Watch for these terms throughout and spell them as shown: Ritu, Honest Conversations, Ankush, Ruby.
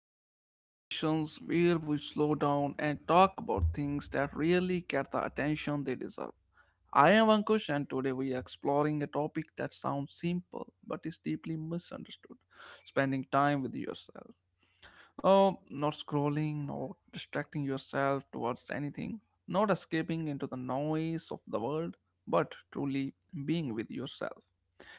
Honest Conversations where we slow down and talk about things that really get the attention they deserve. I am Ankush, and today we are exploring a topic that sounds simple but is deeply misunderstood: spending time with yourself. Oh, not scrolling, not distracting yourself towards anything, not escaping into the noise of the world, but truly being with yourself.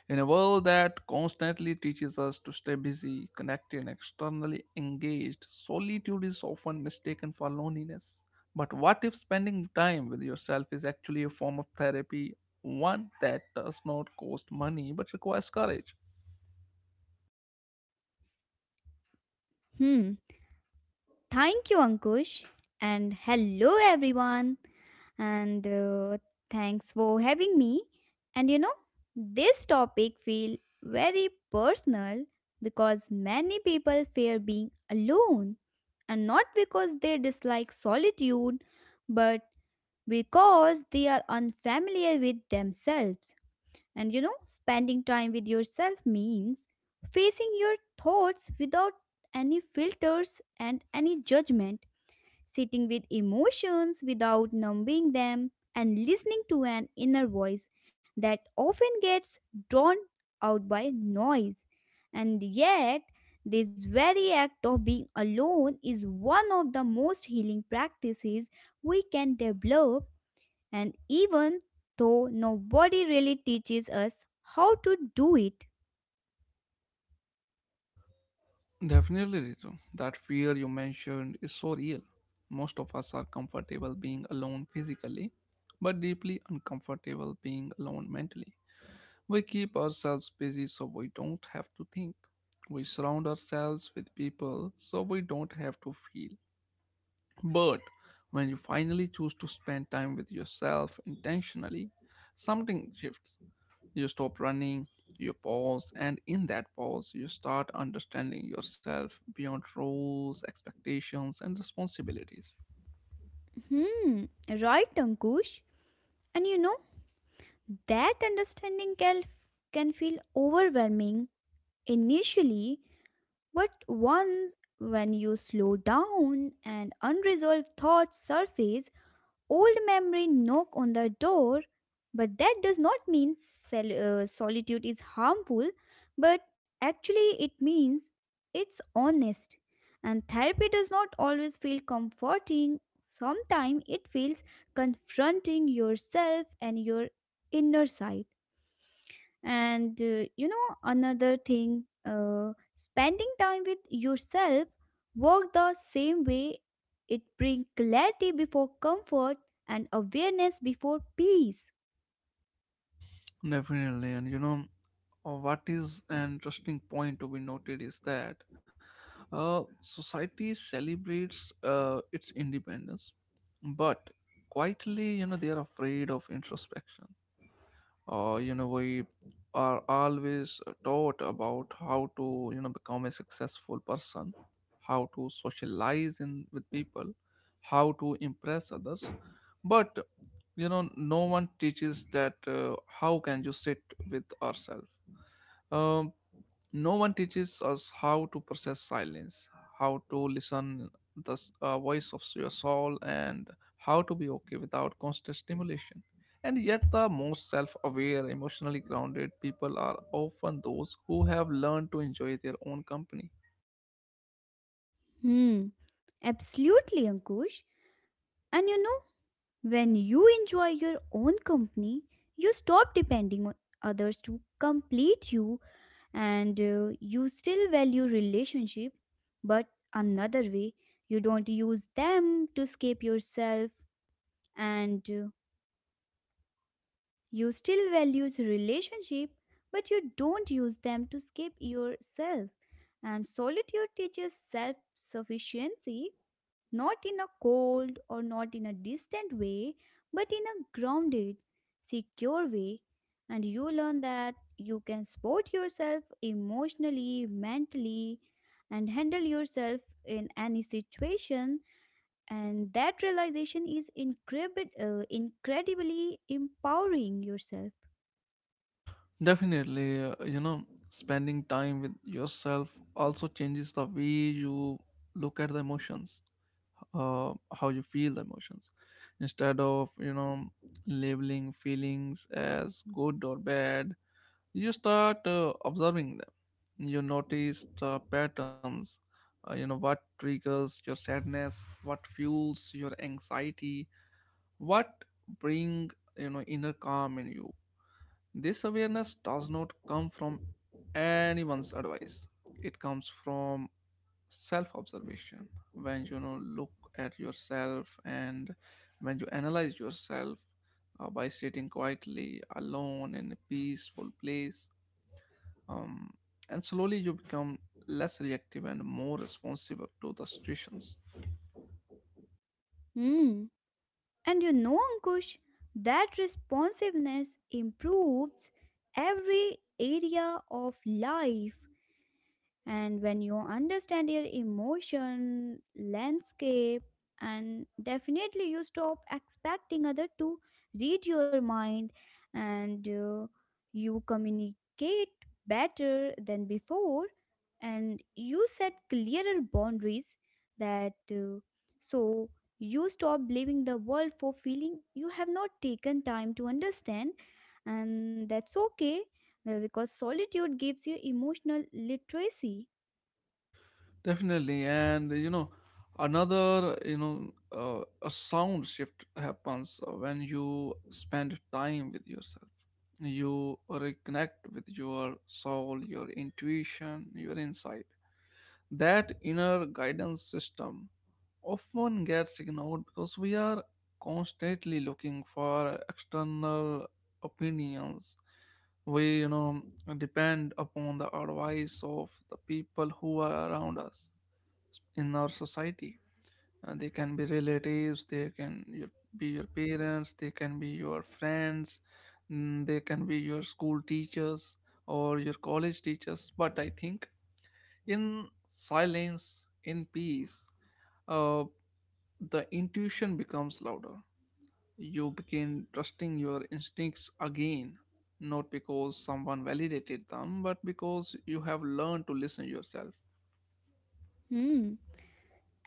In a world that constantly teaches us to stay busy, connected, and externally engaged, solitude is often mistaken for loneliness. But what if spending time with yourself is actually a form of therapy, one that does not cost money but requires courage? Hmm. Thank you, Ankush. And hello, everyone. And Thanks for having me. And you know, this topic feel very personal because many people fear being alone and not because they dislike solitude, but because they are unfamiliar with themselves. And you know, spending time with yourself means facing your thoughts without any filters and any judgment, sitting with emotions without numbing them, and listening to an inner voice that often gets drawn out by noise. And yet, this very act of being alone is one of the most healing practices we can develop and even though nobody really teaches us how to do it. Definitely, Ritu. That fear you mentioned is so real. Most of us are comfortable being alone physically, but deeply uncomfortable being alone mentally. We keep ourselves busy so we don't have to think. We surround ourselves with people so we don't have to feel. But when you finally choose to spend time with yourself intentionally, something shifts. You stop running, you pause, and in that pause, you start understanding yourself beyond roles, expectations, and responsibilities. Hmm, right, Ankush. And you know, that understanding can feel overwhelming initially, but once when you slow down and unresolved thoughts surface, old memory knock on the door, but that does not mean solitude is harmful, but actually it means it's honest. And therapy does not always feel comforting. Sometimes it feels confronting yourself and your inner side. And another thing, spending time with yourself work the same way. It brings clarity before comfort and awareness before peace. Definitely, and what is an interesting point to be noted is that society celebrates its independence, but quietly, they are afraid of introspection. We are always taught about how to become a successful person, how to socialize in with people, how to impress others, but no one teaches that how can you sit with ourselves. Um, no one teaches us how to process silence, how to listen the voice of your soul, and how to be okay without constant stimulation. And yet, the most self aware, emotionally grounded people are often those who have learned to enjoy their own company. Hmm, absolutely, Ankush. And you know, when you enjoy your own company, you stop depending on others to complete you. And you still value relationship, but another way you don't use them to escape yourself. And you still values relationship but you don't use them to escape yourself. And solitude teaches self sufficiency, not in a cold or not in a distant way, but in a grounded, secure way. And you learn that you can support yourself emotionally, mentally, and handle yourself in any situation. And that realization is incredibly empowering yourself. Definitely, spending time with yourself also changes the way you look at the emotions, how you feel the emotions. Instead of, labeling feelings as good or bad, you start observing them. You notice the patterns. What triggers your sadness, what fuels your anxiety, what bring inner calm in you? This awareness does not come from anyone's advice. It comes from self observation, when look at yourself and when you analyze yourself by sitting quietly alone in a peaceful place. Um, and slowly you become less reactive and more responsive to the situations. Hmm. And you know, Ankush, that responsiveness improves every area of life. And when you understand your emotion, landscape, and definitely you stop expecting other to read your mind, and you communicate better than before, and you set clearer boundaries that so you stop blaming the world for feeling you have not taken time to understand, and that's okay, because solitude gives you emotional literacy. Definitely, and another a sound shift happens when you spend time with yourself. You reconnect with your soul, your intuition, your insight. That inner guidance system often gets ignored because we are constantly looking for external opinions. We depend upon the advice of the people who are around us in our society. They can be relatives, they can be your parents, they can be your friends, they can be your school teachers or your college teachers. But I think in silence, in peace, uh, the intuition becomes louder. You begin trusting your instincts again, not because someone validated them, but because you have learned to listen yourself. Hmm.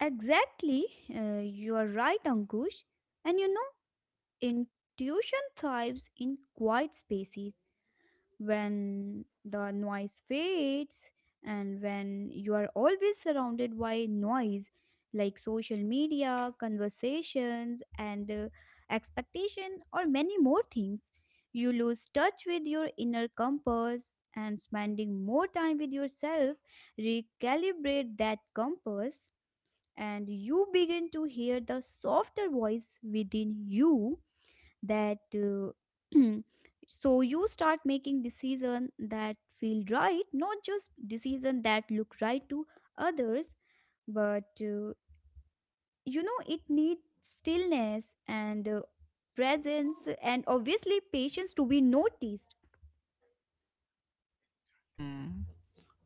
Exactly. You are right, Ankush. And you know, intuition thrives in quiet spaces when the noise fades, and when you are always surrounded by noise like social media, conversations, and expectation, or many more things. You lose touch with your inner compass, and spending more time with yourself recalibrate that compass, and you begin to hear the softer voice within you that so you start making decision that feel right, not just decision that look right to others. But it needs stillness and presence and obviously patience to be noticed. Hmm,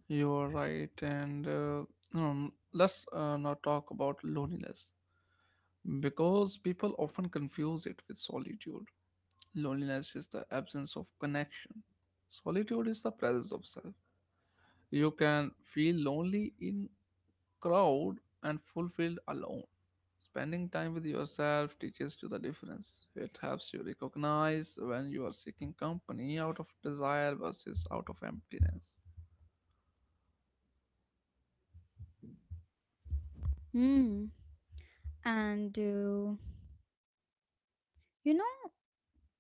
you're right. And let's now talk about loneliness, because people often confuse it with solitude. Loneliness is the absence of connection; solitude is the presence of self. You can feel lonely in crowd and fulfilled alone. Spending time with yourself teaches you the difference. It helps you recognize when you are seeking company out of desire versus out of emptiness. Hmm. And you know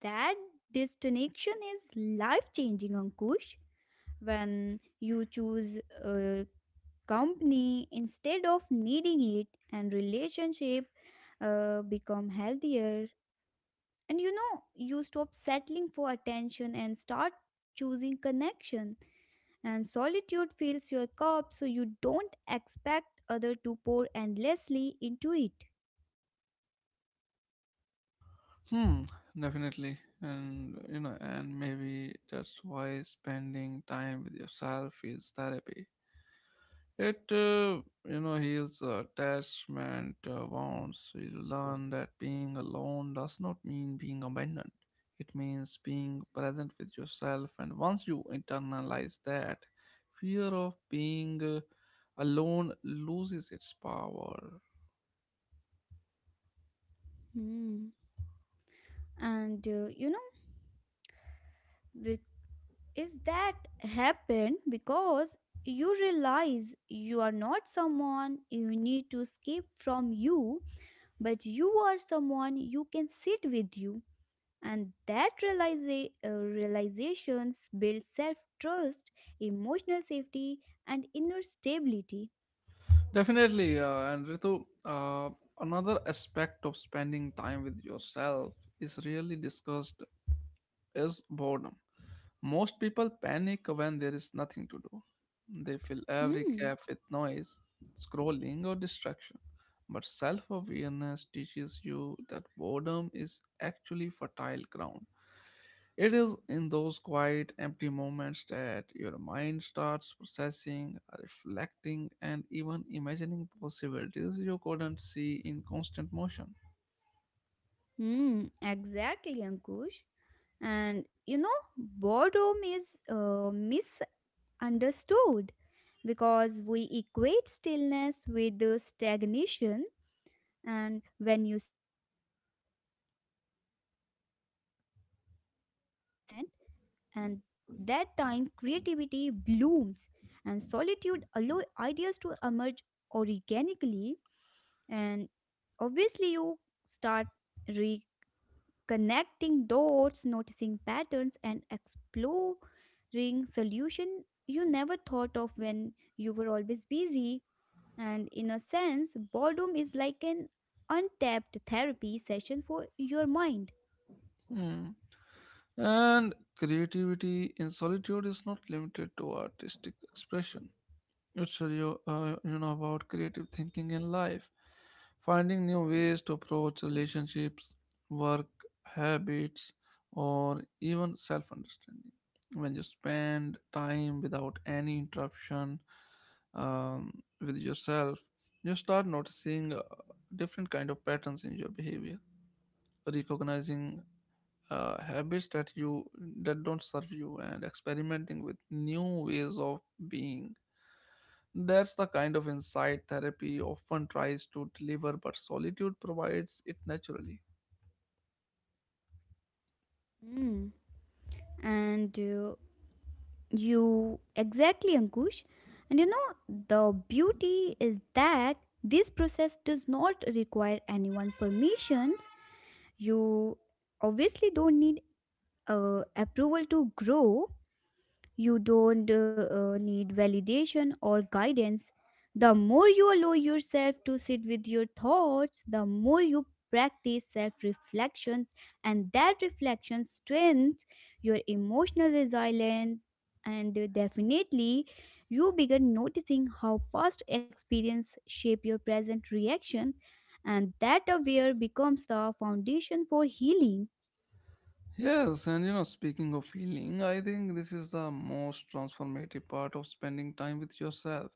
that disconnection is life changing, Ankush. When you choose a company instead of needing it, and relationship become healthier, and you know you stop settling for attention and start choosing connection. And solitude fills your cup so you don't expect other to pour endlessly into it. Hmm, definitely. And maybe that's why spending time with yourself is therapy. It heals attachment wounds. You learn that being alone does not mean being abandoned. It means being present with yourself. And once you internalize that, fear of being alone loses its power. Hmm. And with is that happen because you realize you are not someone you need to escape from you, but you are someone you can sit with you. And that realizations build self-trust, emotional safety, and inner stability. Definitely. And Ritu, another aspect of spending time with yourself is really discussed is boredom. Most people panic when there is nothing to do. They fill every Hmm. gap with noise, scrolling, or distraction. But self awareness teaches you that boredom is actually fertile ground. It is in those quiet, empty moments that your mind starts processing, reflecting, and even imagining possibilities you couldn't see in constant motion. Hmm, exactly, Ankush. And you know, boredom is mis understood because we equate stillness with the stagnation. And when you sit with yourself and allow your mind to wander without judgment, and that time creativity blooms, and solitude allow ideas to emerge organically. And obviously you start connecting dots, noticing patterns, and exploring solution you never thought of when you were always busy. And in a sense, boredom is like an untapped therapy session for your mind. Hmm. And creativity in solitude is not limited to artistic expression. It's a, real- you know about creative thinking in life, finding new ways to approach relationships, work, habits, or even self-understanding. When you spend time without any interruption with yourself, you start noticing different kind of patterns in your behavior, recognizing habits that don't serve you, and experimenting with new ways of being. That's the kind of insight therapy often tries to deliver, but solitude provides it naturally. Hmm. And you Exactly, Ankush. And you know, the beauty is that this process does not require anyone permissions. You obviously don't need approval to grow, you don't need validation or guidance. The more you allow yourself to sit with your thoughts, the more you practice self reflection, and that reflection strengthens your emotional resilience. And Definitely, you begin noticing how past experience shape your present reaction, and that aware becomes the foundation for healing. Yes, and speaking of healing, I think this is the most transformative part of spending time with yourself.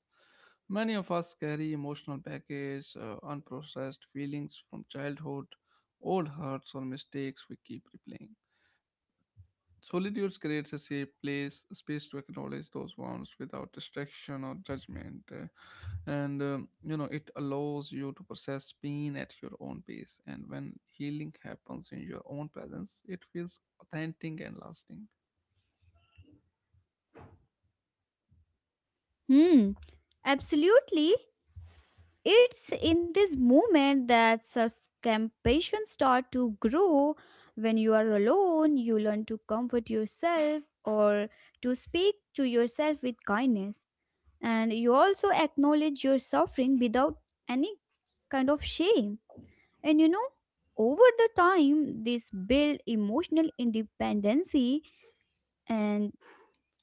Many of us carry emotional baggage, unprocessed feelings from childhood, old hurts, or mistakes we keep replaying. Solitude creates a safe space to acknowledge those wounds without distraction or judgment. And it allows you to process pain at your own pace. And when healing happens in your own presence, it feels authentic and lasting. Hmm. Absolutely. It's in this moment that self compassion start to grow. When you are alone, you learn to comfort yourself or to speak to yourself with kindness. And you also acknowledge your suffering without any kind of shame. And you know, over the time, this build emotional independency, and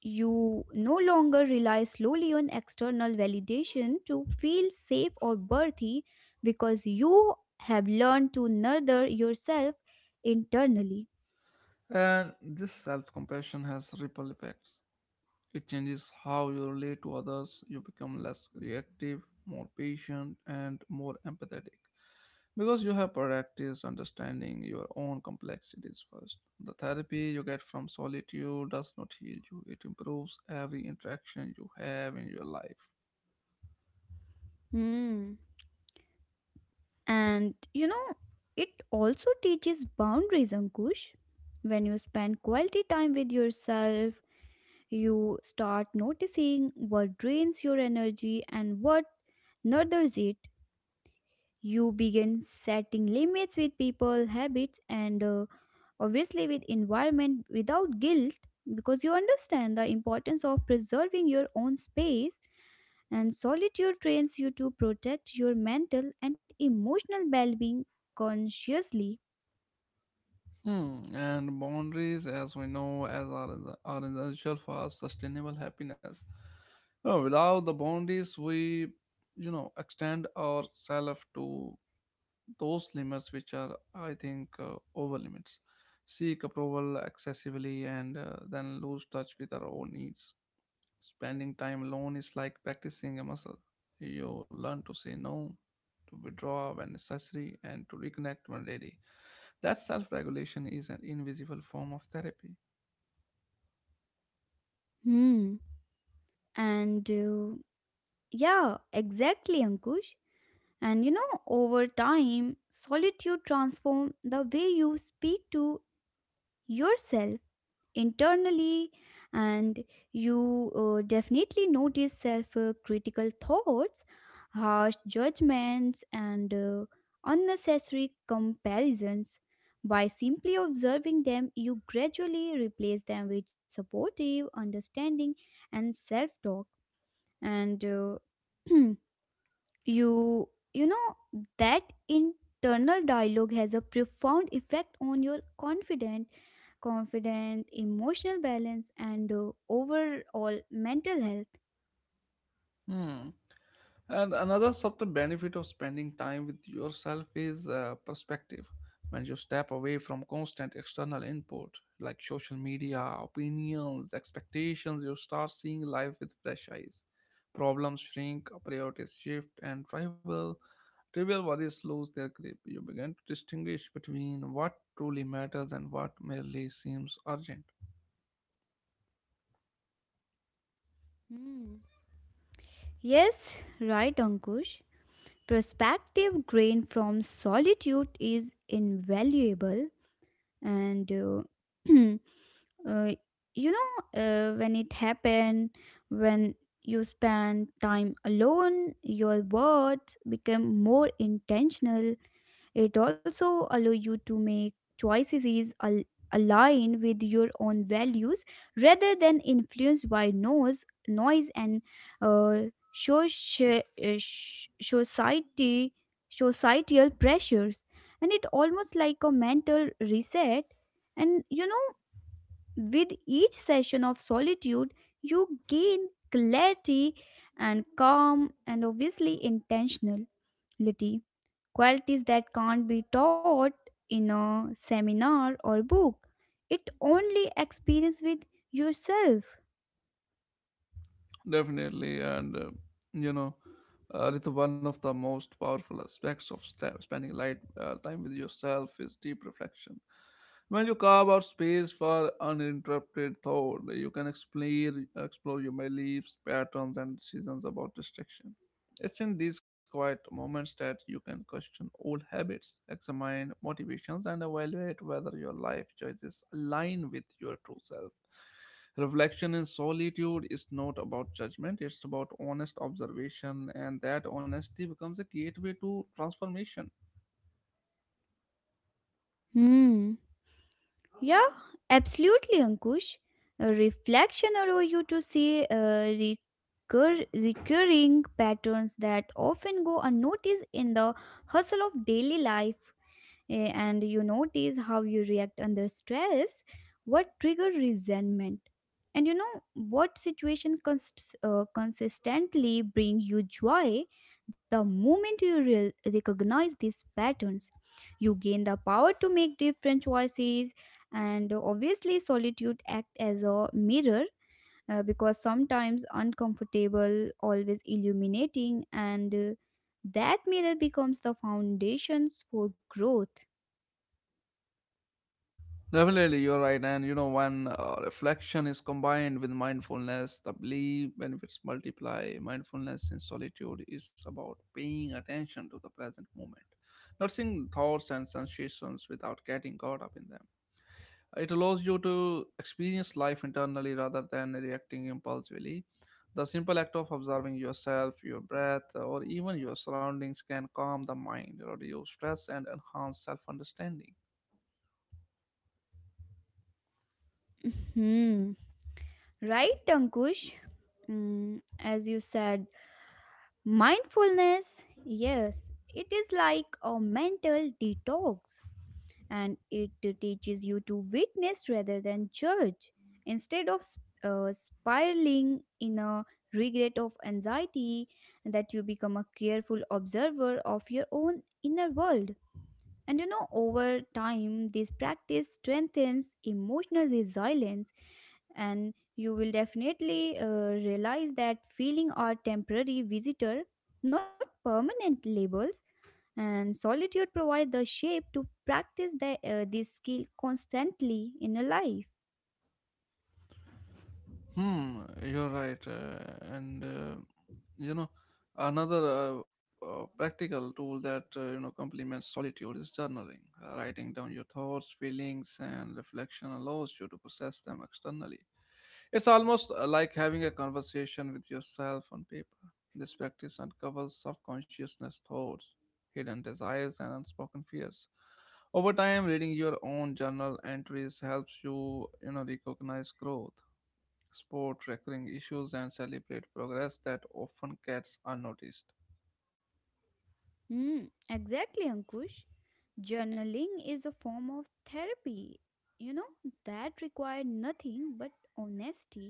you no longer rely slowly on external validation to feel safe or worthy, because you have learned to nurture yourself internally. And this self compassion has ripple effects. It changes how you relate to others. You become less reactive, more patient, and more empathetic, because you have practiced understanding your own complexities first. The therapy you get from solitude does not heal you, it improves every interaction you have in your life. Hmm. And you know, it also teaches boundaries, Ankush. When you spend quality time with yourself, you start noticing what drains your energy and what nurtures it. You begin setting limits with people, habits, and obviously with environment without guilt, because you understand the importance of preserving your own space. And solitude trains you to protect your mental and emotional well-being consciously. Hmm, and boundaries, as we know, are essential for sustainable happiness. Without the boundaries, we extend ourselves to those limits which are, I think, over limits, seek approval excessively, and then lose touch with our own needs. Spending time alone is like practicing a muscle. You learn to say no, to withdraw when necessary, and to reconnect when ready. That self-regulation is an invisible form of therapy. Hmm. and Yeah, exactly, Ankush. And you know, over time solitude transform the way you speak to yourself internally. And you definitely notice self critical thoughts, harsh judgments, and unnecessary comparisons. By simply observing them, you gradually replace them with supportive understanding and self talk. And you you know that internal dialogue has a profound effect on your confidence, emotional balance, and overall mental health. Hmm. And another subtle benefit of spending time with yourself is perspective. When you step away from constant external input like social media, opinions, expectations, you start seeing life with fresh eyes. Problems shrink, priorities shift, and trivial worries lose their grip. You begin to distinguish between what truly matters and what merely seems urgent. Hmm. Yes, right, Ankush. Perspective gained from solitude is invaluable, and uh, when it happen, when you spend time alone, your words become more intentional. It also allow you to make choices aligned with your own values rather than influenced by noise and uh, soci- sh- society societal pressures. And it almost like a mental reset. And you know, with each session of solitude, you gain clarity and calm and obviously intentionality, qualities that can't be taught in a seminar or book. It only experience with yourself. Definitely, and you know, Ritu, one of the most powerful aspects of spending light time with yourself is deep reflection. When you carve out space for uninterrupted thought, you can explore your beliefs, patterns, and decisions about distraction. It's in these quiet moments that you can question old habits, examine motivations, and evaluate whether your life choices align with your true self. Reflection in solitude is not about judgment, it's about honest observation, and that honesty becomes a gateway to transformation. Hmm. Yeah, absolutely, Ankush. A reflection allows you to see recurring patterns that often go unnoticed in the hustle of daily life. And you notice how you react under stress, what trigger resentment, and you know what situation consistently bring you joy. The moment you recognize these patterns, you gain the power to make different choices, and obviously, solitude act as a mirror, because sometimes uncomfortable, always illuminating, and that mirror becomes the foundations for growth. Definitely, you're right. And when reflection is combined with mindfulness, the belief benefits multiply. Mindfulness in solitude is about paying attention to the present moment, noticing thoughts and sensations without getting caught up in them. It allows you to experience life internally rather than reacting impulsively. The simple act of observing yourself, your breath, or even your surroundings can calm the mind, reduce stress, and enhance self understanding. Hmm. Right, Ankush. As you said, mindfulness, yes, it is like a mental detox, and it teaches you to witness rather than judge. Instead of spiraling in a regret of anxiety, that you become a careful observer of your own inner world. And you know, over time, this practice strengthens emotional resilience, and you will definitely realize that feeling are temporary visitor, not permanent labels. And solitude provides the shape to practice this skill constantly in a life. Hmm, you're right. Uh, and, uh, you know, another practical tool that complements solitude is journaling. Writing down your thoughts, feelings, and reflection allows you to process them externally. It's almost like having a conversation with yourself on paper. This practice uncovers subconsciousness thoughts, hidden desires, and unspoken fears. Over time, reading your own journal entries helps you recognize growth, sport recurring issues, and celebrate progress that often gets unnoticed. Hmm, exactly, Ankush. Journaling is a form of therapy. You know that required nothing but honesty.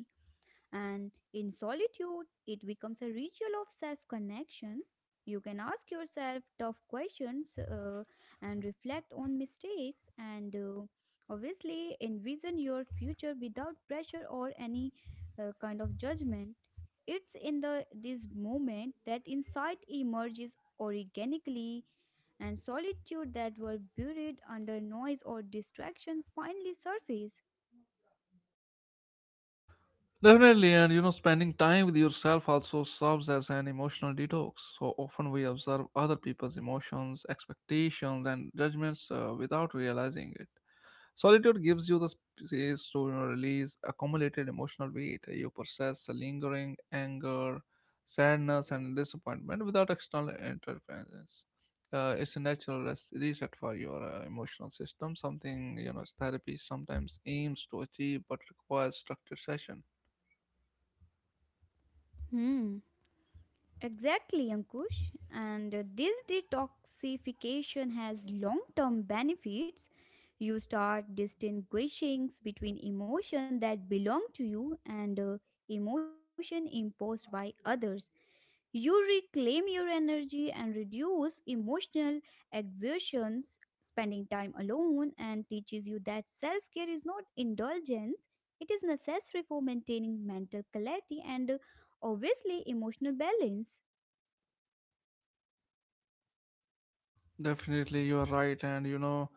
And in solitude, it becomes a ritual of self connection. You can ask yourself tough questions, and reflect on mistakes, and obviously, envision your future without pressure or any kind of judgment. It's in the this moment that insight emerges organically, and solitude that were buried under noise or distraction finally surface. Definitely, and spending time with yourself also serves as an emotional detox. So often we observe other people's emotions, expectations, and judgments without realizing it. Solitude gives you the space to release accumulated emotional weight. You process the lingering anger, sadness, and disappointment without external interference. It's a natural reset for your emotional system, something therapy sometimes aims to achieve but requires structured session. Hmm. Exactly, Ankush. And This detoxification has long term benefits. You start distinguishing between emotion that belong to you and emotion imposed by others. You reclaim your energy and reduce emotional exertions. Spending time alone and teaches you that self care is not indulgence, it is necessary for maintaining mental clarity and obviously emotional balance. Definitely, you are right, and you know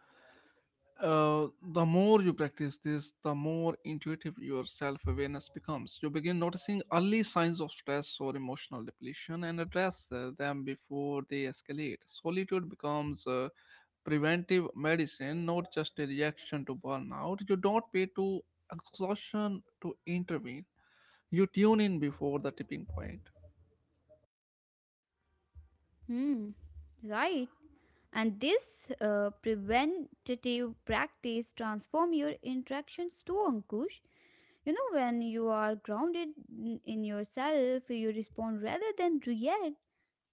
Uh, the more you practice this, the more intuitive your self awareness becomes. You begin noticing early signs of stress or emotional depletion and address them before they escalate. Solitude becomes preventive medicine, not just a reaction to burnout. You don't pay to exhaustion to intervene, you tune in before the tipping point. Hmm, right. And this preventative practice transform your interactions too, Ankush. You know, when you are grounded in yourself, you respond rather than react,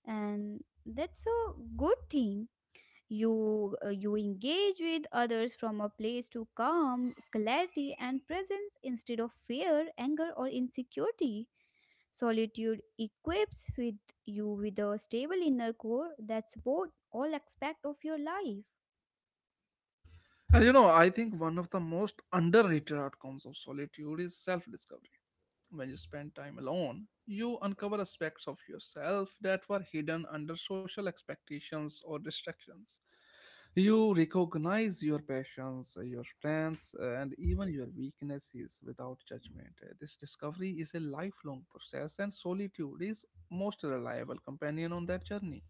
and that's a good thing. You engage with others from a place to calm, clarity, and presence instead of fear, anger, or insecurity. Solitude equips with you with a stable inner core that supports all aspects of your life. And I think one of the most underrated outcomes of solitude is self discovery. When you spend time alone, you uncover aspects of yourself that were hidden under social expectations or distractions. You recognize your passions, your strengths, and even your weaknesses without judgment. This discovery is a lifelong process, and solitude is most reliable companion on that journey.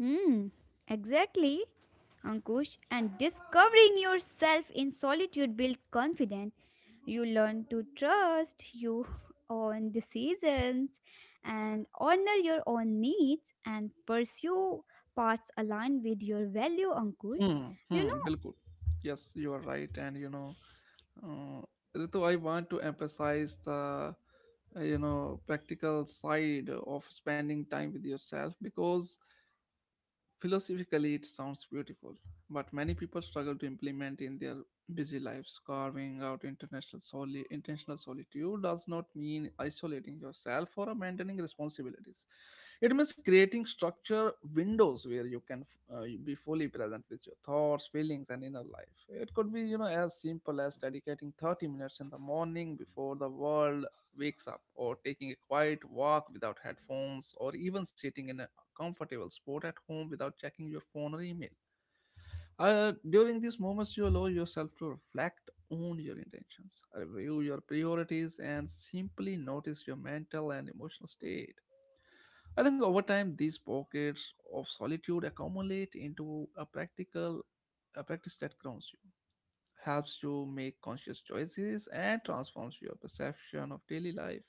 Hmm, exactly. Ankush, and discovering yourself in solitude builds confidence. You learn to trust your own decisions and honor your own needs and pursue paths aligned with your value, Ankush. Hmm, You hmm, know, Bilkul. Yes, you are right, and no Ritu, I want to emphasize the practical side of spending time with yourself, because philosophically, it sounds beautiful, but many people struggle to implement in their busy lives. Carving out international intentional solitude does not mean isolating yourself or abandoning responsibilities. It means creating structure windows where you can be fully present with your thoughts, feelings, and inner life. It could be, as simple as dedicating 30 minutes in the morning before the world wakes up, or taking a quiet walk without headphones, or even sitting in a comfortable sport at home without checking your phone or email. During these moments, you allow yourself to reflect on your intentions, review your priorities, and simply notice your mental and emotional state. I think over time, these pockets of solitude accumulate into a a practice that grounds you, helps you make conscious choices, and transforms your perception of daily life.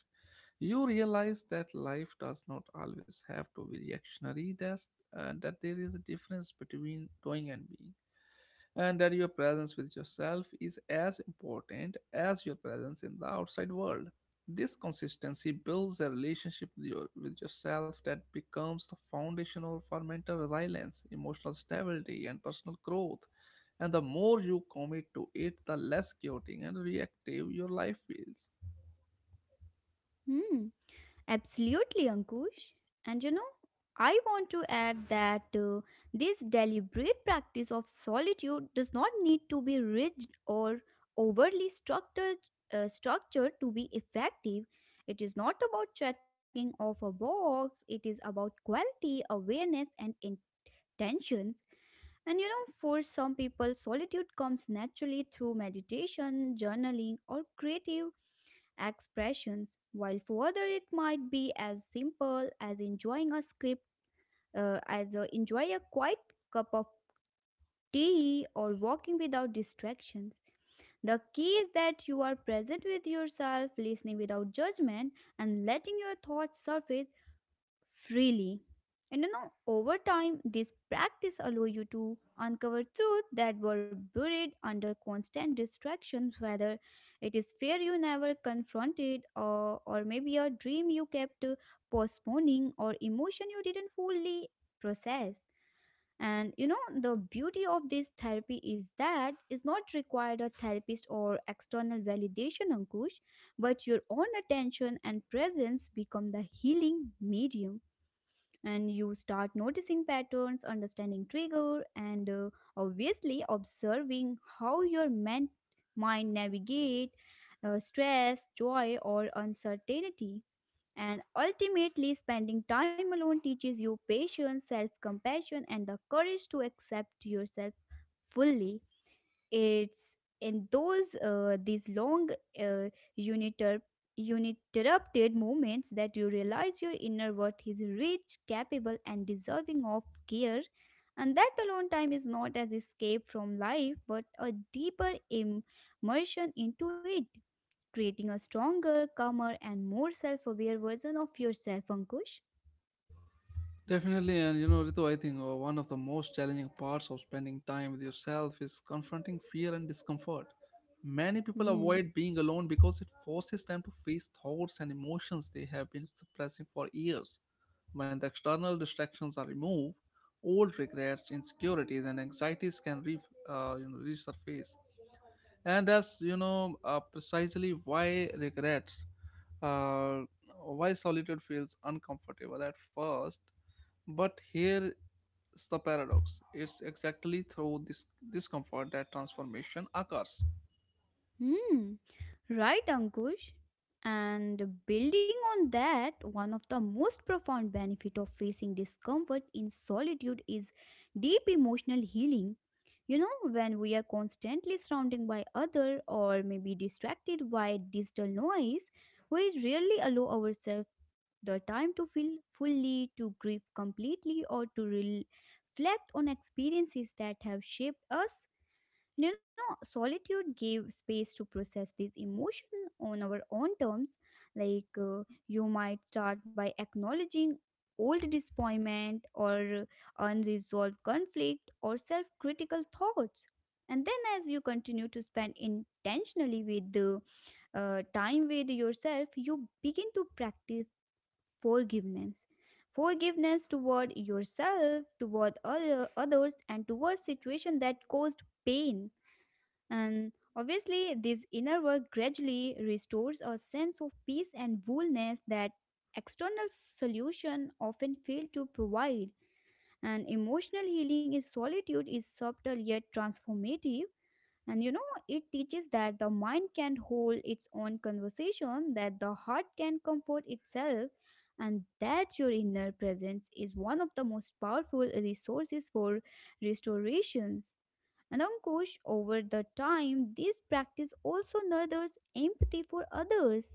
You realize that life does not always have to be reactionary, that there is a difference between doing and being, and that your presence with yourself is as important as your presence in the outside world. This consistency builds a relationship with yourself that becomes the foundational for mental resilience, emotional stability, and personal growth. And the more you commit to it, the less chaotic and reactive your life feels. hmm. Absolutely, Ankush. And you know, I want to add that this deliberate practice of solitude does not need to be rigid or overly structured, structured to be effective. It is not about checking off a box, it is about quality, awareness, and intentions. And you know, for some people, solitude comes naturally through meditation, journaling, or creative expressions, while for others it might be as simple as enjoying a script, as a, enjoy a quiet cup of tea or walking without distractions. The key is that you are present with yourself, listening without judgment, and letting your thoughts surface freely. And you know, over time, this practice allow you to uncover truths that were buried under constant distractions, whether it is fear you never confronted, or maybe a dream you kept postponing, or emotion you didn't fully process. And you know, the beauty of this therapy is that it's not required a therapist or external validation, Ankush, but your own attention and presence become the healing medium. And you start noticing patterns, understanding trigger, and obviously observing how your mind navigate stress, joy, or uncertainty. And ultimately spending time alone teaches you patience, self-compassion, and the courage to accept yourself fully. It's in those these long, uh, uniter, uninterrupted moments that you realize your inner worth is rich, capable, and deserving of care, and that alone time is not as escape from life but a deeper immersion into it, creating a stronger, calmer, and more self-aware version of yourself, Ankush. Definitely, and Ritu, I think one of the most challenging parts of spending time with yourself is confronting fear and discomfort. Many people Hmm. avoid being alone because it forces them to face thoughts and emotions they have been suppressing for years. When the external distractions are removed, old regrets, insecurities, and anxieties can resurface. And that's precisely why uh, why solitude feels uncomfortable at first. But here's the paradox: it's exactly through this discomfort that transformation occurs. Hmm. Right, Ankush? And building on that, one of the most profound benefit of facing discomfort in solitude is deep emotional healing. You know, when we are constantly surrounded by other or maybe distracted by digital noise, we rarely allow ourselves the time to feel fully, to grieve completely, or to reflect on experiences that have shaped us. You know, solitude gave space to process these emotions on our own terms. Like, uh, you might start by acknowledging old disappointment or unresolved conflict or self critical thoughts. And then, as you continue to spend intentionally with the time with yourself, you begin to practice forgiveness. Forgiveness toward yourself, others, and toward situations that caused pain. And obviously, this inner work gradually restores a sense of peace and wholeness that external solution often fail to provide. And emotional healing in solitude is subtle yet transformative. And you know, it teaches that the mind can hold its own conversation, that the heart can comfort itself, and that your inner presence is one of the most powerful resources for restoration. And Ankush, over the time, this practice also nurtures empathy for others.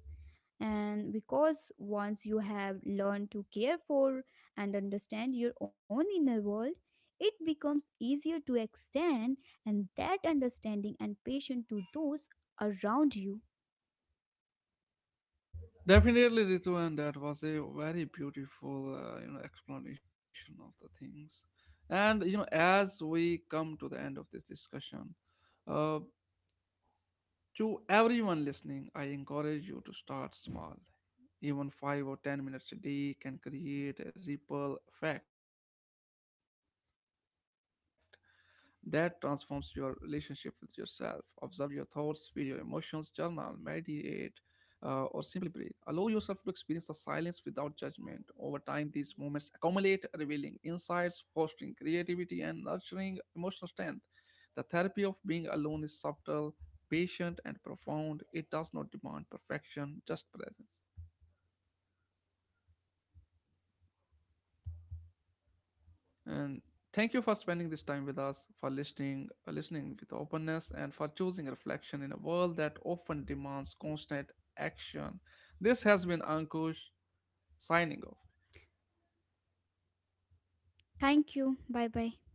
And because once you have learned to care for and understand your own inner world, it becomes easier to extend and that understanding and patience to those around you. Definitely, Ritu, and that was a very beautiful, explanation of the things. And as we come to the end of this discussion, uh, To everyone listening, I encourage you to start small. Even 5 or 10 minutes a day can create a ripple effect that transforms your relationship with yourself. Observe your thoughts, feel your emotions, journal, meditate, or simply breathe. Allow yourself to experience the silence without judgment. Over time, these moments accumulate, revealing insights, fostering creativity, and nurturing emotional strength. The therapy of being alone is subtle, patient, and profound. It does not demand perfection, just presence. And thank you for spending this time with us, for listening with openness, and for choosing reflection in a world that often demands constant action. This has been Ankush signing off. Thank you. Bye bye.